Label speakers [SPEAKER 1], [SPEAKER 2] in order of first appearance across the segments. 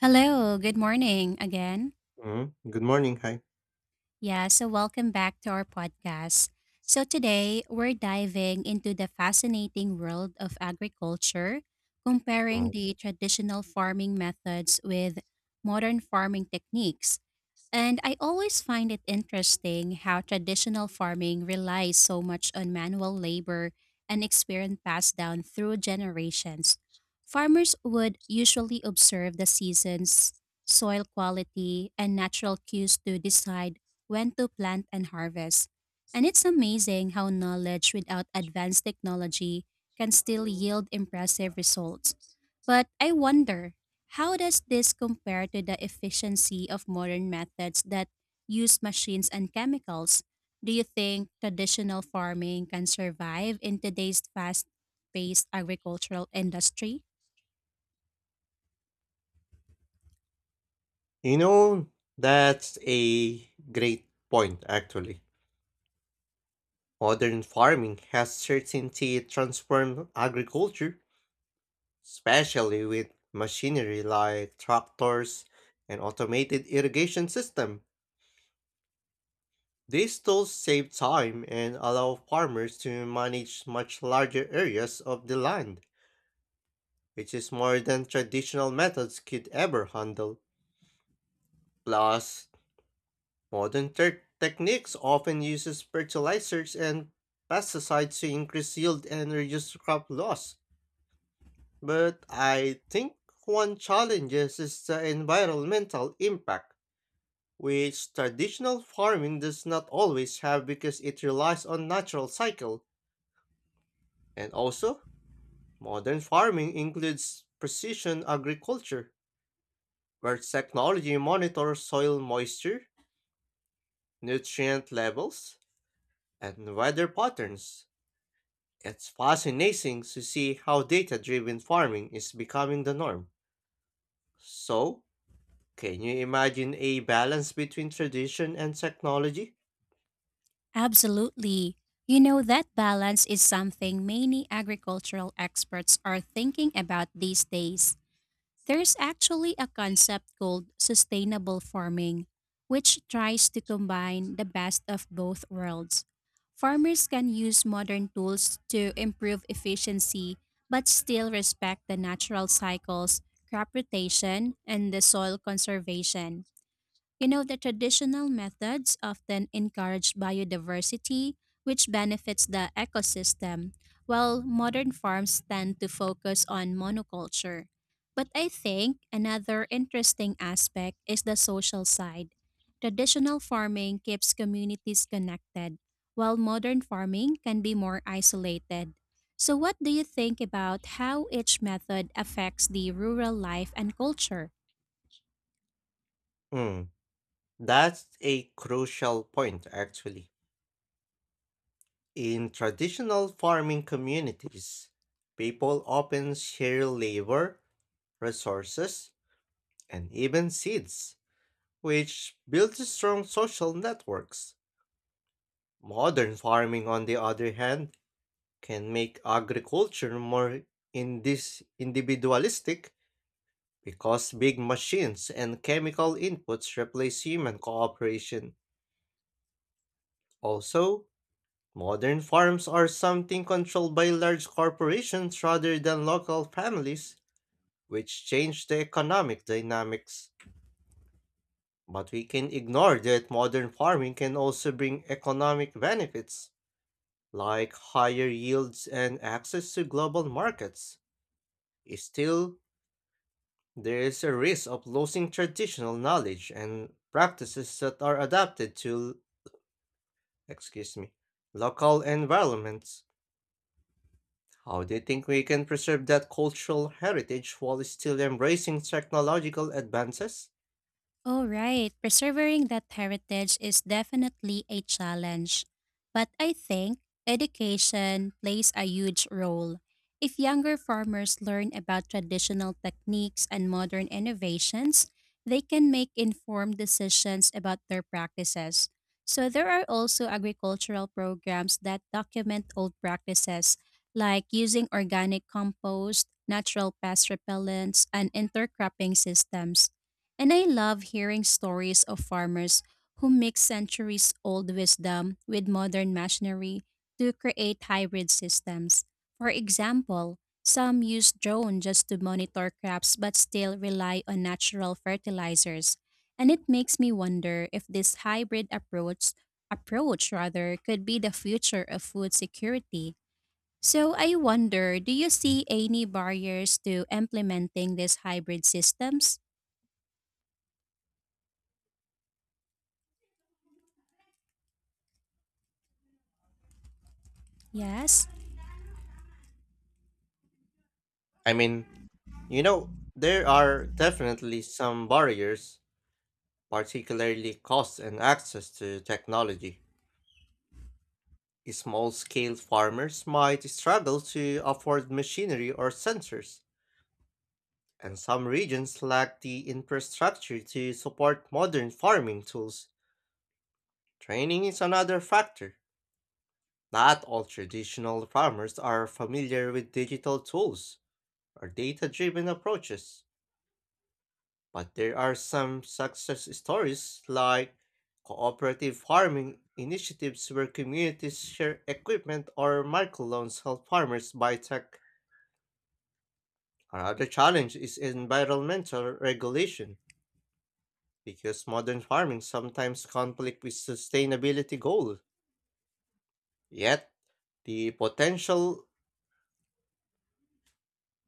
[SPEAKER 1] Hello, good morning again.
[SPEAKER 2] Mm, good morning. Hi.
[SPEAKER 1] Yeah, so welcome back to our podcast. So today we're diving into the fascinating world of agriculture, comparing
[SPEAKER 2] Mm.
[SPEAKER 1] the traditional farming methods with modern farming techniques. And I always find it interesting how traditional farming relies so much on manual labor and experience passed down through generations. Farmers would usually observe the seasons, soil quality, and natural cues to decide when to plant and harvest. And it's amazing how knowledge without advanced technology can still yield impressive results. But I wonder, how does this compare to the efficiency of modern methods that use machines and chemicals? Do you think traditional farming can survive in today's fast paced agricultural industry?
[SPEAKER 2] You know, that's a great point, actually. Modern farming has certainly transformed agriculture, especially with machinery like tractors and automated irrigation system. These tools save time and allow farmers to manage much larger areas of the land, which is more than traditional methods could ever handle. Plus, modern techniques often uses fertilizers and pesticides to increase yield and reduce crop loss. But I think one challenge is the environmental impact, which traditional farming does not always have because it relies on natural cycle. And also, modern farming includes precision agriculture, where technology monitors soil moisture, nutrient levels, and weather patterns. It's fascinating to see how data driven farming is becoming the norm. So, can you imagine a balance between tradition and technology?
[SPEAKER 1] Absolutely. You know, that balance is something many agricultural experts are thinking about these days. There's actually a concept called sustainable farming, which tries to combine the best of both worlds. Farmers can use modern tools to improve efficiency, but still respect the natural cycles, crop rotation, and the soil conservation. You know, the traditional methods often encourage biodiversity, which benefits the ecosystem, while modern farms tend to focus on monoculture. But I think another interesting aspect is the social side. Traditional farming keeps communities connected, while modern farming can be more isolated. So, what do you think about how each method affects the rural life and culture?
[SPEAKER 2] Hmm, that's a crucial point, actually. In traditional farming communities, people often share labor, resources, and even seeds, which builds strong social networks. Modern farming, on the other hand, can make agriculture more in this individualistic, because big machines and chemical inputs replace human cooperation. Also, modern farms are something controlled by large corporations rather than local families, which change the economic dynamics. But we can ignore that modern farming can also bring economic benefits, like higher yields and access to global markets. Still, there is a risk of losing traditional knowledge and practices that are adapted to, excuse me, local environments. How do you think we can preserve that cultural heritage while still embracing technological advances?
[SPEAKER 1] Oh, right. Preserving that heritage is definitely a challenge. But I think education plays a huge role. If younger farmers learn about traditional techniques and modern innovations, they can make informed decisions about their practices. So there are also agricultural programs that document old practices, like using organic compost, natural pest repellents, and intercropping systems. And I love hearing stories of farmers who mix centuries old wisdom with modern machinery to create hybrid systems. For example, some use drone just to monitor crops but still rely on natural fertilizers. And it makes me wonder if this hybrid approach rather could be the future of food security. So I wonder, do you see any barriers to implementing these hybrid systems? Yes.
[SPEAKER 2] I mean, there are definitely some barriers, particularly cost and access to technology. Small scale farmers might struggle to afford machinery or sensors, and some regions lack the infrastructure to support modern farming tools. Training is another factor. Not all traditional farmers are familiar with digital tools or data driven approaches, but there are some success stories like cooperative farming initiatives where communities share equipment or microloans help farmers buy tech. Another challenge is environmental regulation, because modern farming sometimes conflict with sustainability goals. Yet, the potential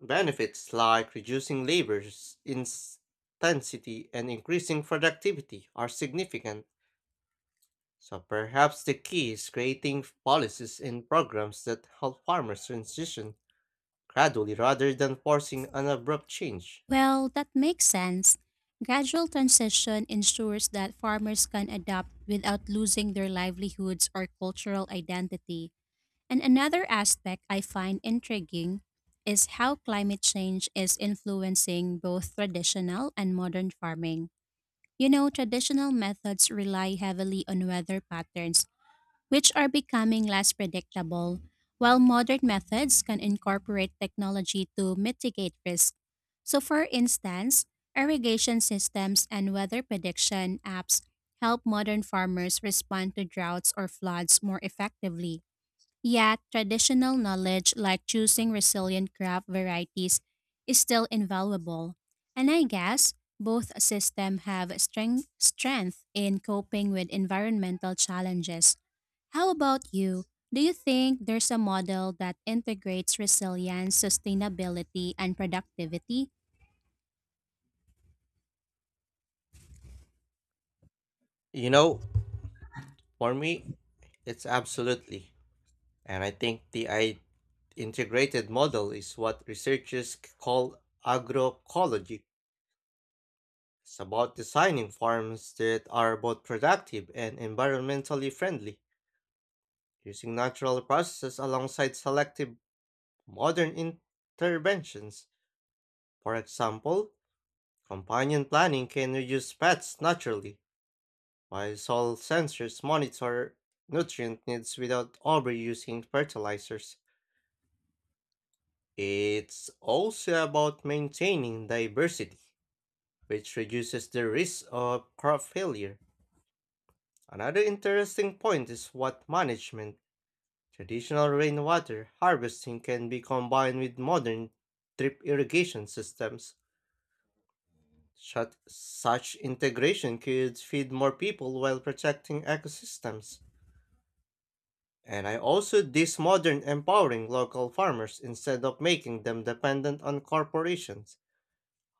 [SPEAKER 2] benefits like reducing labor intensity and increasing productivity are significant. So perhaps the key is creating policies and programs that help farmers transition gradually rather than forcing an abrupt change.
[SPEAKER 1] Well, that makes sense. Gradual transition ensures that farmers can adapt without losing their livelihoods or cultural identity. And another aspect I find intriguing is how climate change is influencing both traditional and modern farming. You know, traditional methods rely heavily on weather patterns which are becoming less predictable, while modern methods can incorporate technology to mitigate risk. So, for instance, irrigation systems and weather prediction apps help modern farmers respond to droughts or floods more effectively. Yet, traditional knowledge like choosing resilient crop varieties is still invaluable. And I guess both systems have strength in coping with environmental challenges. How about you? Do you think there's a model that integrates resilience, sustainability, and productivity?
[SPEAKER 2] You know, for me, it's absolutely. And I think the integrated model is what researchers call agroecology. It's about designing farms that are both productive and environmentally friendly, using natural processes alongside selective modern interventions. For example, companion planting can reduce pests naturally, while soil sensors monitor nutrient needs without overusing fertilizers. It's also about maintaining diversity, which reduces the risk of crop failure. Another interesting point is what management. Traditional rainwater harvesting can be combined with modern drip irrigation systems. Such integration could feed more people while protecting ecosystems. And I also this modern empowering local farmers instead of making them dependent on corporations.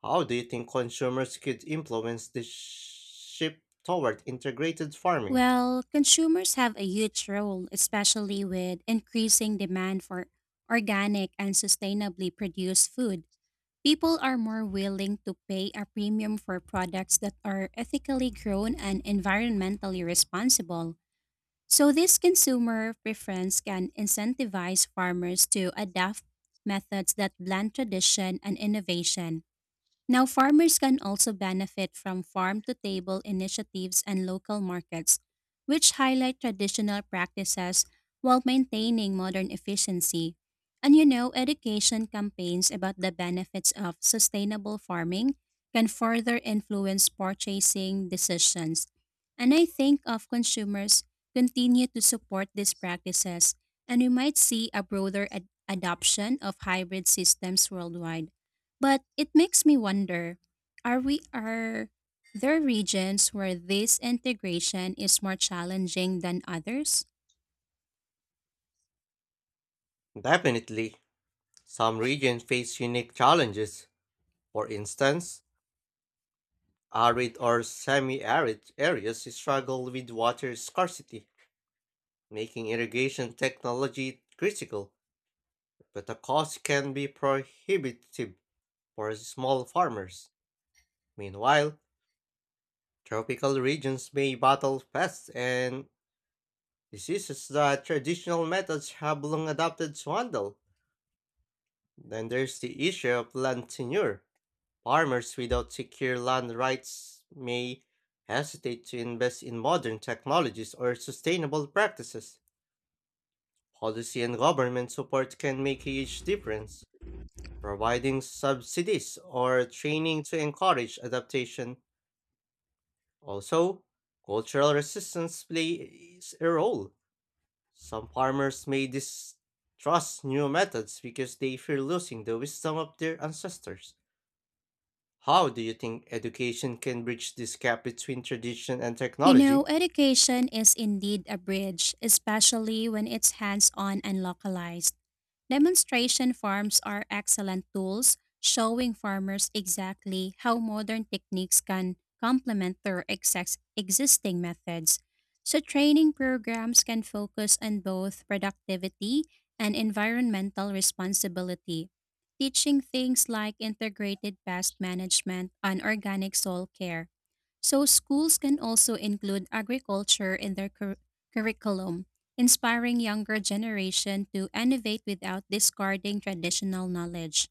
[SPEAKER 2] How do you think consumers could influence the shift toward integrated farming?
[SPEAKER 1] Well, consumers have a huge role, especially with increasing demand for organic and sustainably produced food. People are more willing to pay a premium for products that are ethically grown and environmentally responsible. So, this consumer preference can incentivize farmers to adapt methods that blend tradition and innovation. Now, farmers can also benefit from farm to table initiatives and local markets, which highlight traditional practices while maintaining modern efficiency. And you know, education campaigns about the benefits of sustainable farming can further influence purchasing decisions. And I think of consumers continue to support these practices, and we might see a broader adoption of hybrid systems worldwide. But it makes me wonder, are there regions where this integration is more challenging than others?
[SPEAKER 2] Definitely. Some regions face unique challenges. For instance, arid or semi arid areas struggle with water scarcity, making irrigation technology critical, but the cost can be prohibitive for small farmers. Meanwhile, tropical regions may battle pests and diseases that traditional methods have long adopted to handle. Then there's the issue of land tenure. Farmers without secure land rights may hesitate to invest in modern technologies or sustainable practices. Policy and government support can make a huge difference, providing subsidies or training to encourage adaptation. Also, cultural resistance plays a role. Some farmers may distrust new methods because they fear losing the wisdom of their ancestors. How do you think education can bridge this gap between tradition and
[SPEAKER 1] You know,
[SPEAKER 2] technology?
[SPEAKER 1] education is indeed a bridge, especially when it's hands-on and localized. Demonstration farms are excellent tools, showing farmers exactly how modern techniques can complement their existing methods. So, training programs can focus on both productivity and environmental responsibility, teaching things like integrated pest management and organic soil care. So, schools can also include agriculture in their curriculum inspiring younger generation to innovate without discarding traditional knowledge.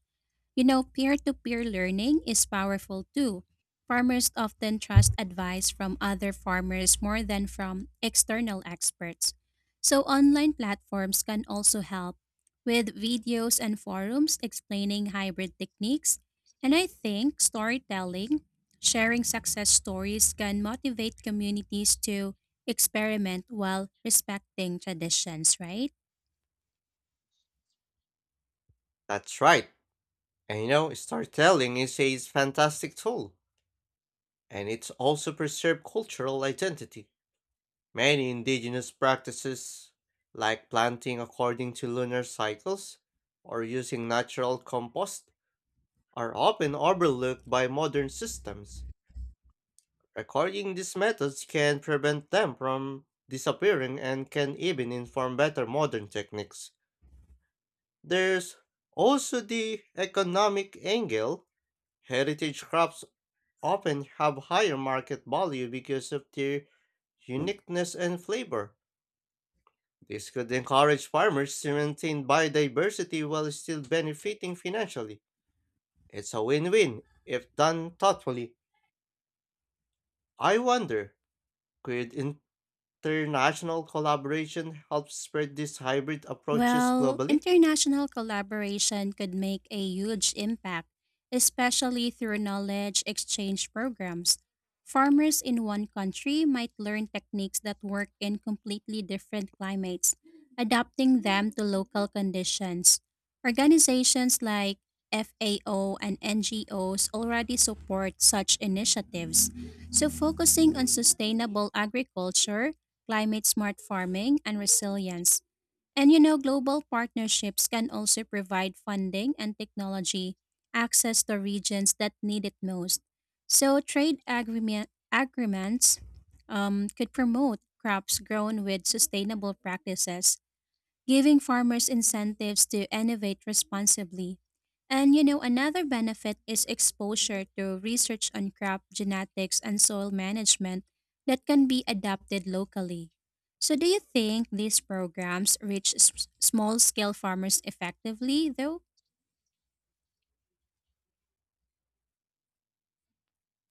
[SPEAKER 1] You know, peer to peer learning is powerful too. Farmers often trust advice from other farmers more than from external experts. So, online platforms can also help with videos and forums explaining hybrid techniques. And I think storytelling, sharing success stories, can motivate communities to experiment while respecting traditions, right?
[SPEAKER 2] That's right. Storytelling is a fantastic tool, and it's also preserved cultural identity. Many indigenous practices, like planting according to lunar cycles or using natural compost, are often overlooked by modern systems. Recording these methods can prevent them from disappearing and can even inform better modern techniques. There's also the economic angle. Heritage crops often have higher market value because of their uniqueness and flavor. This could encourage farmers to maintain biodiversity while still benefiting financially. It's a win win if done thoughtfully. I wonder, could international collaboration helps spread these hybrid approaches
[SPEAKER 1] Well,
[SPEAKER 2] globally?
[SPEAKER 1] international collaboration could make a huge impact, especially through knowledge exchange programs. Farmers in one country might learn techniques that work in completely different climates, adapting them to local conditions. Organizations like FAO and NGOs already support such initiatives, so focusing on sustainable agriculture, climate smart farming, and resilience. And you know, global partnerships can also provide funding and technology access to regions that need it most. So, agreements could promote crops grown with sustainable practices, giving farmers incentives to innovate responsibly. And you know, another benefit is exposure to research on crop genetics and soil management that can be adapted locally. So, do you think these programs reach small scale farmers effectively, though?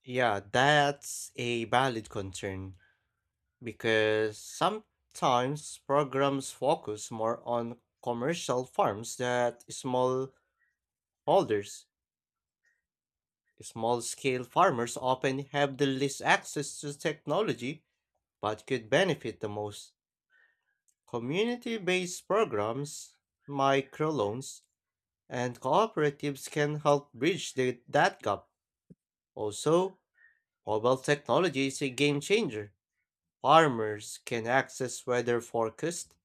[SPEAKER 2] Yeah, that's a valid concern because sometimes programs focus more on commercial farms that small holders. Small scale farmers often have the least access to technology but could benefit the most. Community based programs, microloans, and cooperatives can help bridge that gap. Also, mobile technology is a game changer. Farmers can access weather forecasts,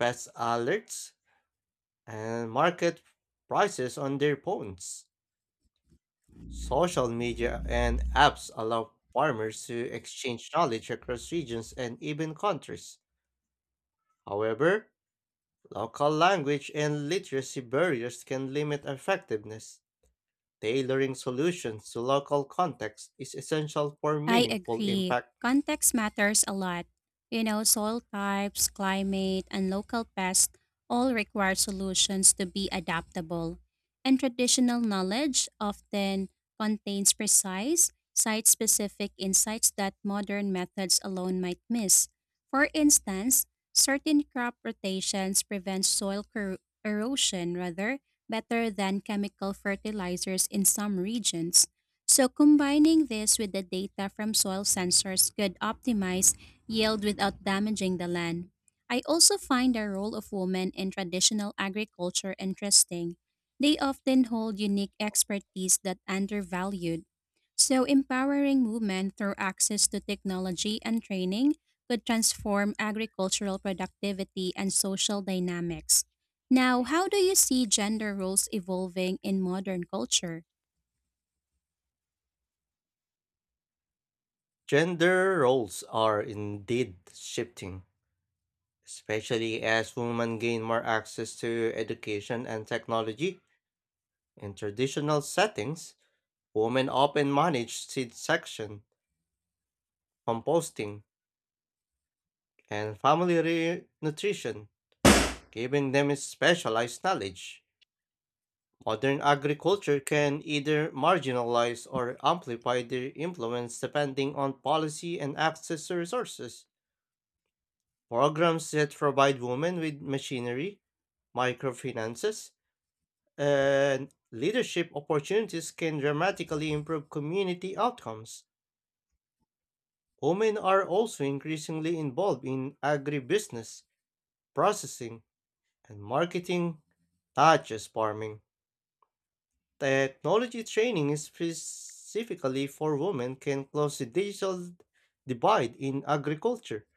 [SPEAKER 2] pest alerts, and market prices on their phones. Social media and apps allow farmers to exchange knowledge across regions and even countries. However, local language and literacy barriers can limit effectiveness. Tailoring solutions to local context is essential for
[SPEAKER 1] I
[SPEAKER 2] meaningful
[SPEAKER 1] agree.
[SPEAKER 2] impact.
[SPEAKER 1] Context matters a lot. You know, soil types, climate, and local pests all require solutions to be adaptable. And traditional knowledge often contains precise, site specific insights that modern methods alone might miss. For instance, certain crop rotations prevent soil cor- erosion rather better than chemical fertilizers in some regions. So combining this with the data from soil sensors could optimize yield without damaging the land. I also find the role of women in traditional agriculture interesting. They often hold unique expertise that undervalued. So empowering women through access to technology and training could transform agricultural productivity and social dynamics. Now, how do you see gender roles evolving in modern culture?
[SPEAKER 2] Gender roles are indeed shifting, especially as women gain more access to education and technology. In traditional settings, women often manage seed section, composting, and nutrition, giving them specialized knowledge. Modern agriculture can either marginalize or amplify their influence depending on policy and access to resources. Programs that provide women with machinery, microfinances, and leadership opportunities can dramatically improve community outcomes. Women are also increasingly involved in agribusiness, processing, and marketing, not just farming. Technology training is specifically for women can close the digital divide in agriculture.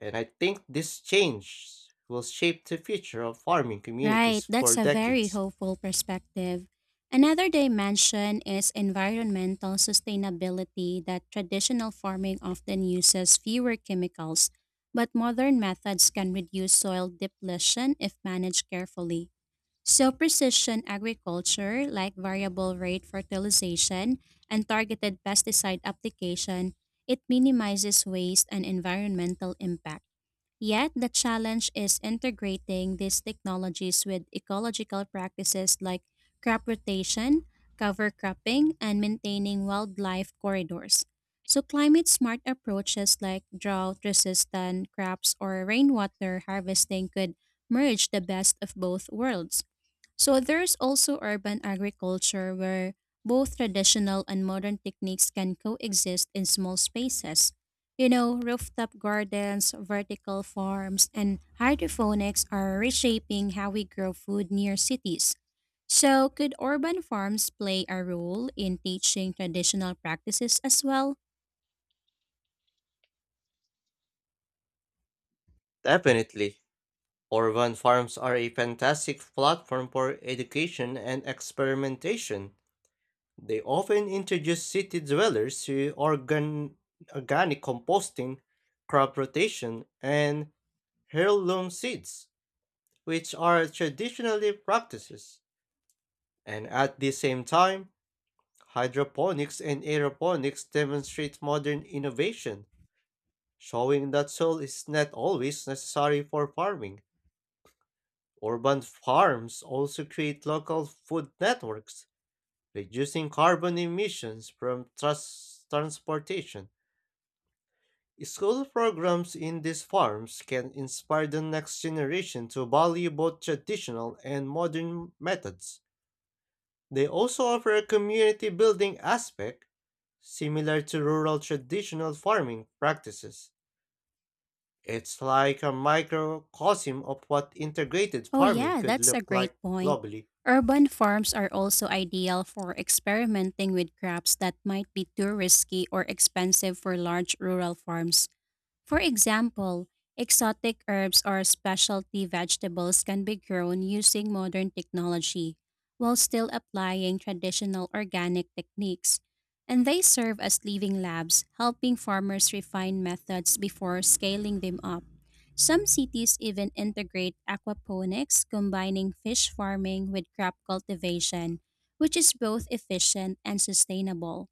[SPEAKER 2] And I think this change will shape the future of farming
[SPEAKER 1] Right,
[SPEAKER 2] communities for
[SPEAKER 1] that's a very
[SPEAKER 2] decades.
[SPEAKER 1] hopeful perspective. Another dimension is environmental sustainability that traditional farming often uses fewer chemicals, but modern methods can reduce soil depletion if managed carefully. So, precision agriculture, like variable rate fertilization and targeted pesticide application, it minimizes waste and environmental impact. Yet, the challenge is integrating these technologies with ecological practices like crop rotation, cover cropping, and maintaining wildlife corridors. So, climate smart approaches like drought resistant crops or rainwater harvesting could merge the best of both worlds. So there's also urban agriculture where both traditional and modern techniques can coexist in small spaces. You know, rooftop gardens, vertical farms, and hydroponics are reshaping how we grow food near cities. So, could urban farms play a role in teaching traditional practices as well?
[SPEAKER 2] Definitely, urban farms are a fantastic platform for education and experimentation. They often introduce city dwellers to organic composting, crop rotation, and heirloom seeds, which are traditionally practices. And at the same time, hydroponics and aeroponics demonstrate modern innovation, showing that soil is not always necessary for farming. Urban farms also create local food networks, reducing carbon emissions from transportation. School programs in these farms can inspire the next generation to value both traditional and modern methods. They also offer a community building aspect similar to rural traditional farming practices. It's like a microcosm of what integrated
[SPEAKER 1] Oh,
[SPEAKER 2] farming
[SPEAKER 1] yeah,
[SPEAKER 2] could
[SPEAKER 1] that's a
[SPEAKER 2] look
[SPEAKER 1] great
[SPEAKER 2] like
[SPEAKER 1] point.
[SPEAKER 2] globally.
[SPEAKER 1] Urban farms are also ideal for experimenting with crops that might be too risky or expensive for large rural farms. For example, exotic herbs or specialty vegetables can be grown using modern technology while still applying traditional organic techniques. And they serve as living labs, helping farmers refine methods before scaling them up. Some cities even integrate aquaponics, combining fish farming with crop cultivation, which is both efficient and sustainable.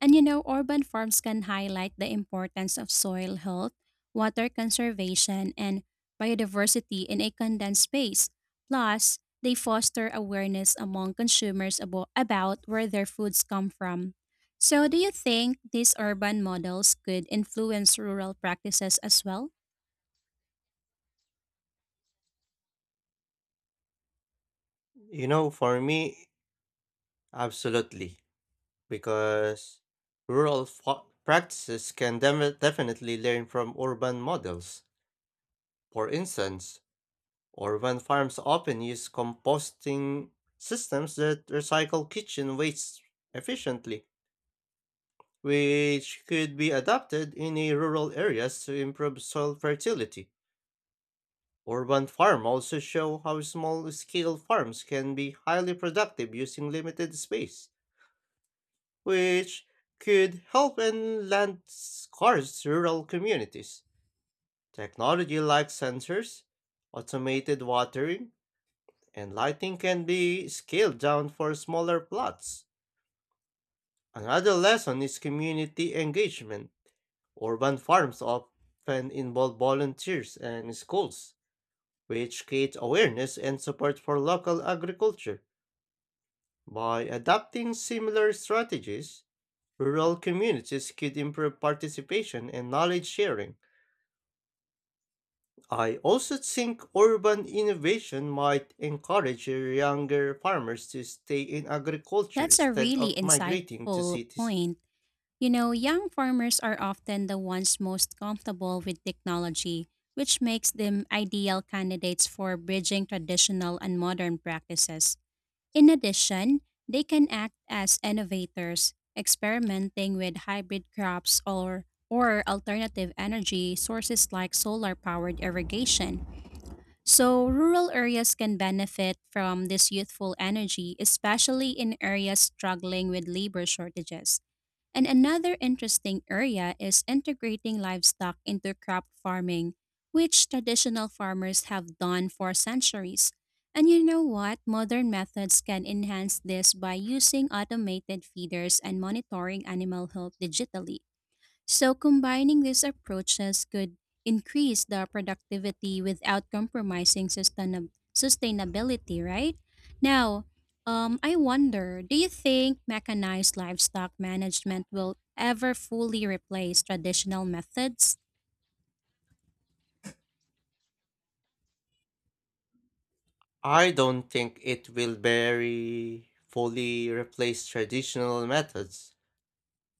[SPEAKER 1] And you know, urban farms can highlight the importance of soil health, water conservation, and biodiversity in a condensed space. Plus, they foster awareness among consumers about where their foods come from. So, do you think these urban models could influence rural practices as well?
[SPEAKER 2] For me, absolutely. Because practices can definitely learn from urban models. For instance, urban farms often use composting systems that recycle kitchen waste efficiently, which could be adapted in a rural areas to improve soil fertility. Urban farm also show how small-scale farms can be highly productive using limited space, which could help in land-scarce rural communities. Technology like sensors, automated watering, and lighting can be scaled down for smaller plots. Another lesson is community engagement. Urban farms often involve volunteers and schools, which create awareness and support for local agriculture. By adopting similar strategies, rural communities could improve participation and knowledge sharing. I also think urban innovation might encourage younger farmers to stay in agriculture
[SPEAKER 1] That's a
[SPEAKER 2] instead
[SPEAKER 1] really
[SPEAKER 2] of migrating to
[SPEAKER 1] insightful
[SPEAKER 2] cities.
[SPEAKER 1] point. You know, young farmers are often the ones most comfortable with technology, which makes them ideal candidates for bridging traditional and modern practices. In addition, they can act as innovators, experimenting with hybrid crops or alternative energy sources like solar-powered irrigation. So, rural areas can benefit from this youthful energy, especially in areas struggling with labor shortages. And another interesting area is integrating livestock into crop farming, which traditional farmers have done for centuries. And you know what? Modern methods can enhance this by using automated feeders and monitoring animal health digitally. So combining these approaches could increase the productivity without compromising sustainability, right? Now, I wonder, do you think mechanized livestock management will ever fully replace traditional methods?
[SPEAKER 2] I don't think it will very fully replace traditional methods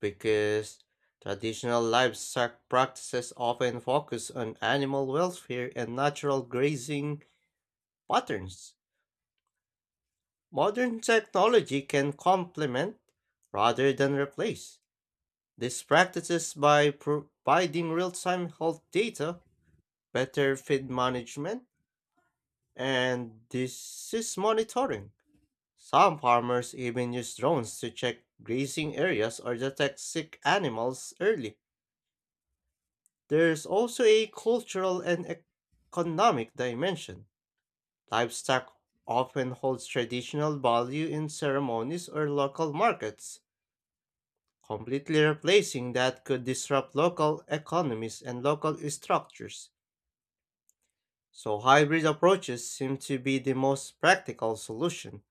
[SPEAKER 2] because traditional livestock practices often focus on animal welfare and natural grazing patterns. Modern technology can complement rather than replace these practices by providing real time health data, better feed management, and disease monitoring. Some farmers even use drones to check grazing areas or detect sick animals early. There's also a cultural and economic dimension. Livestock often holds traditional value in ceremonies or local markets. Completely replacing that could disrupt local economies and local structures. So hybrid approaches seem to be the most practical solution.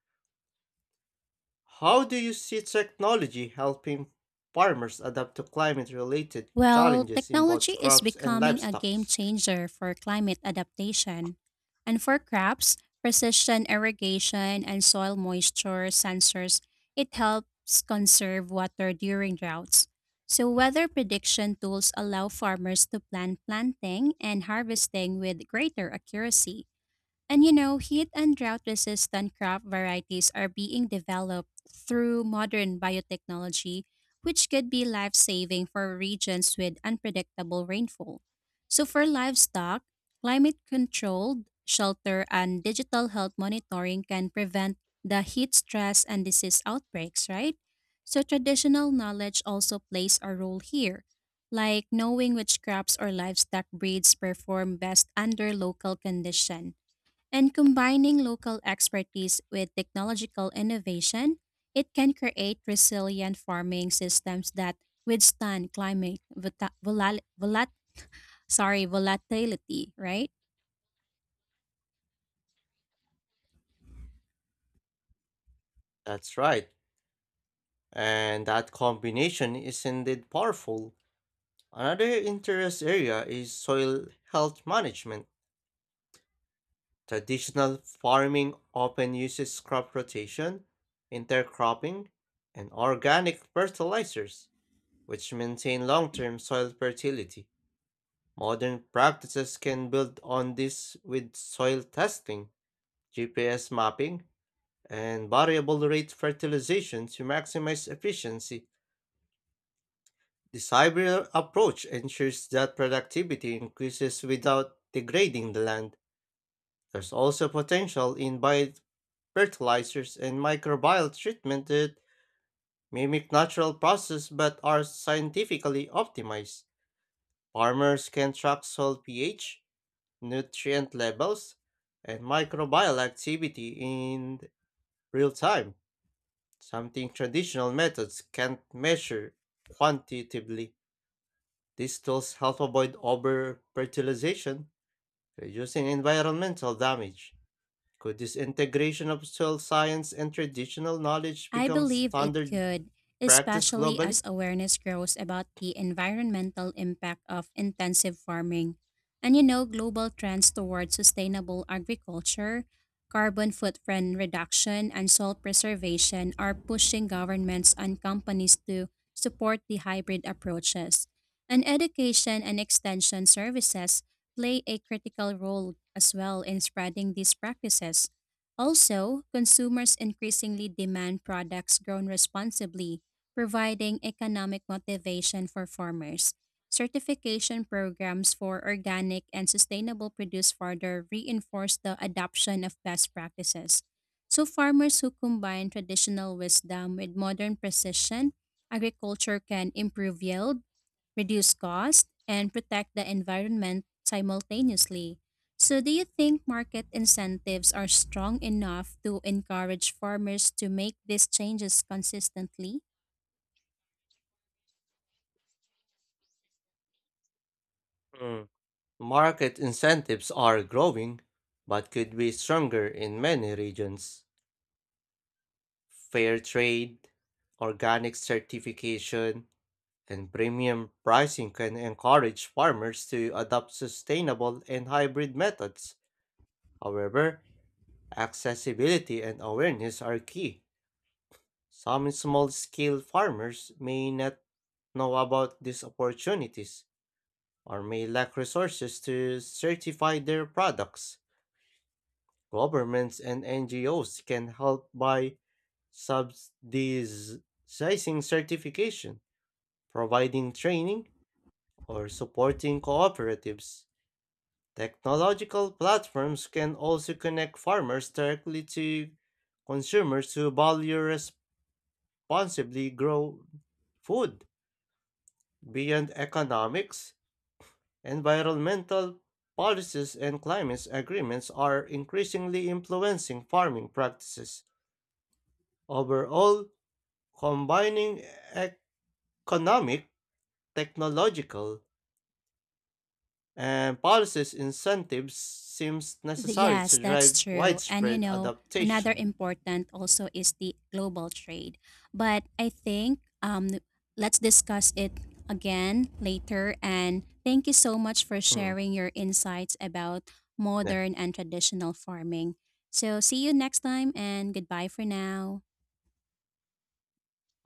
[SPEAKER 2] How do you see technology helping farmers adapt to climate related
[SPEAKER 1] Well,
[SPEAKER 2] challenges in both
[SPEAKER 1] technology is
[SPEAKER 2] crops and
[SPEAKER 1] becoming a
[SPEAKER 2] livestock?
[SPEAKER 1] game changer for climate adaptation. And for crops, precision irrigation and soil moisture sensors, it helps conserve water during droughts. So weather prediction tools allow farmers to plan planting and harvesting with greater accuracy. And you know, heat and drought resistant crop varieties are being developed through modern biotechnology, which could be life saving for regions with unpredictable rainfall. So, for livestock, climate controlled shelter and digital health monitoring can prevent the heat stress and disease outbreaks, right? So, traditional knowledge also plays a role here, like knowing which crops or livestock breeds perform best under local conditions. And combining local expertise with technological innovation, it can create resilient farming systems that withstand climate volatility, right?
[SPEAKER 2] That's right. And that combination is indeed powerful. Another interest area is soil health management. Traditional farming often uses crop rotation, intercropping, and organic fertilizers, which maintain long term soil fertility. Modern practices can build on this with soil testing, GPS mapping, and variable rate fertilization to maximize efficiency. This hybrid approach ensures that productivity increases without degrading the land. There's also potential in bio fertilizers, and microbial treatment that mimic natural processes but are scientifically optimized. Farmers can track soil pH, nutrient levels, and microbial activity in real time, something traditional methods can't measure quantitatively. These tools help avoid over fertilization, reducing environmental damage. Could this integration of soil science and traditional knowledge
[SPEAKER 1] I
[SPEAKER 2] become
[SPEAKER 1] believe it
[SPEAKER 2] standard
[SPEAKER 1] could,
[SPEAKER 2] practiced
[SPEAKER 1] especially as
[SPEAKER 2] globally?
[SPEAKER 1] awareness grows about the environmental impact of intensive farming. And you know, global trends towards sustainable agriculture, carbon footprint reduction, and soil preservation are pushing governments and companies to support the hybrid approaches. And education and extension services play a critical role as well in spreading these practices. Also, consumers increasingly demand products grown responsibly, providing economic motivation for farmers. Certification programs for organic and sustainable produce further reinforce the adoption of best practices. So, farmers who combine traditional wisdom with modern precision, agriculture can improve yield, reduce cost, and protect the environment simultaneously. So, do you think market incentives are strong enough to encourage farmers to make these changes consistently?
[SPEAKER 2] Mm. Market incentives are growing, but could be stronger in many regions. Fair trade, organic certification, and premium pricing can encourage farmers to adopt sustainable and hybrid methods. However, accessibility and awareness are key. Some small scale farmers may not know about these opportunities, or may lack resources to certify their products. Governments and NGOs can help by subsidizing certification, providing training, or supporting cooperatives. Technological platforms can also connect farmers directly to consumers who value responsibly grown food beyond economics. Environmental policies and climate agreements are increasingly influencing farming practices. Overall, combining economic, technological, and policies incentives seems necessary
[SPEAKER 1] Yes,
[SPEAKER 2] to
[SPEAKER 1] that's
[SPEAKER 2] drive
[SPEAKER 1] true. And you
[SPEAKER 2] widespread
[SPEAKER 1] know, another
[SPEAKER 2] adaptation.
[SPEAKER 1] important also is the global trade. But I think let's discuss it again later. And thank you so much for
[SPEAKER 2] Mm,
[SPEAKER 1] sharing your insights about
[SPEAKER 2] yeah.
[SPEAKER 1] modern and traditional farming. So, see you next time and goodbye for now.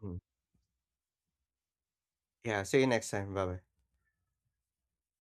[SPEAKER 2] Mm. Yeah, see you next time. Bye bye.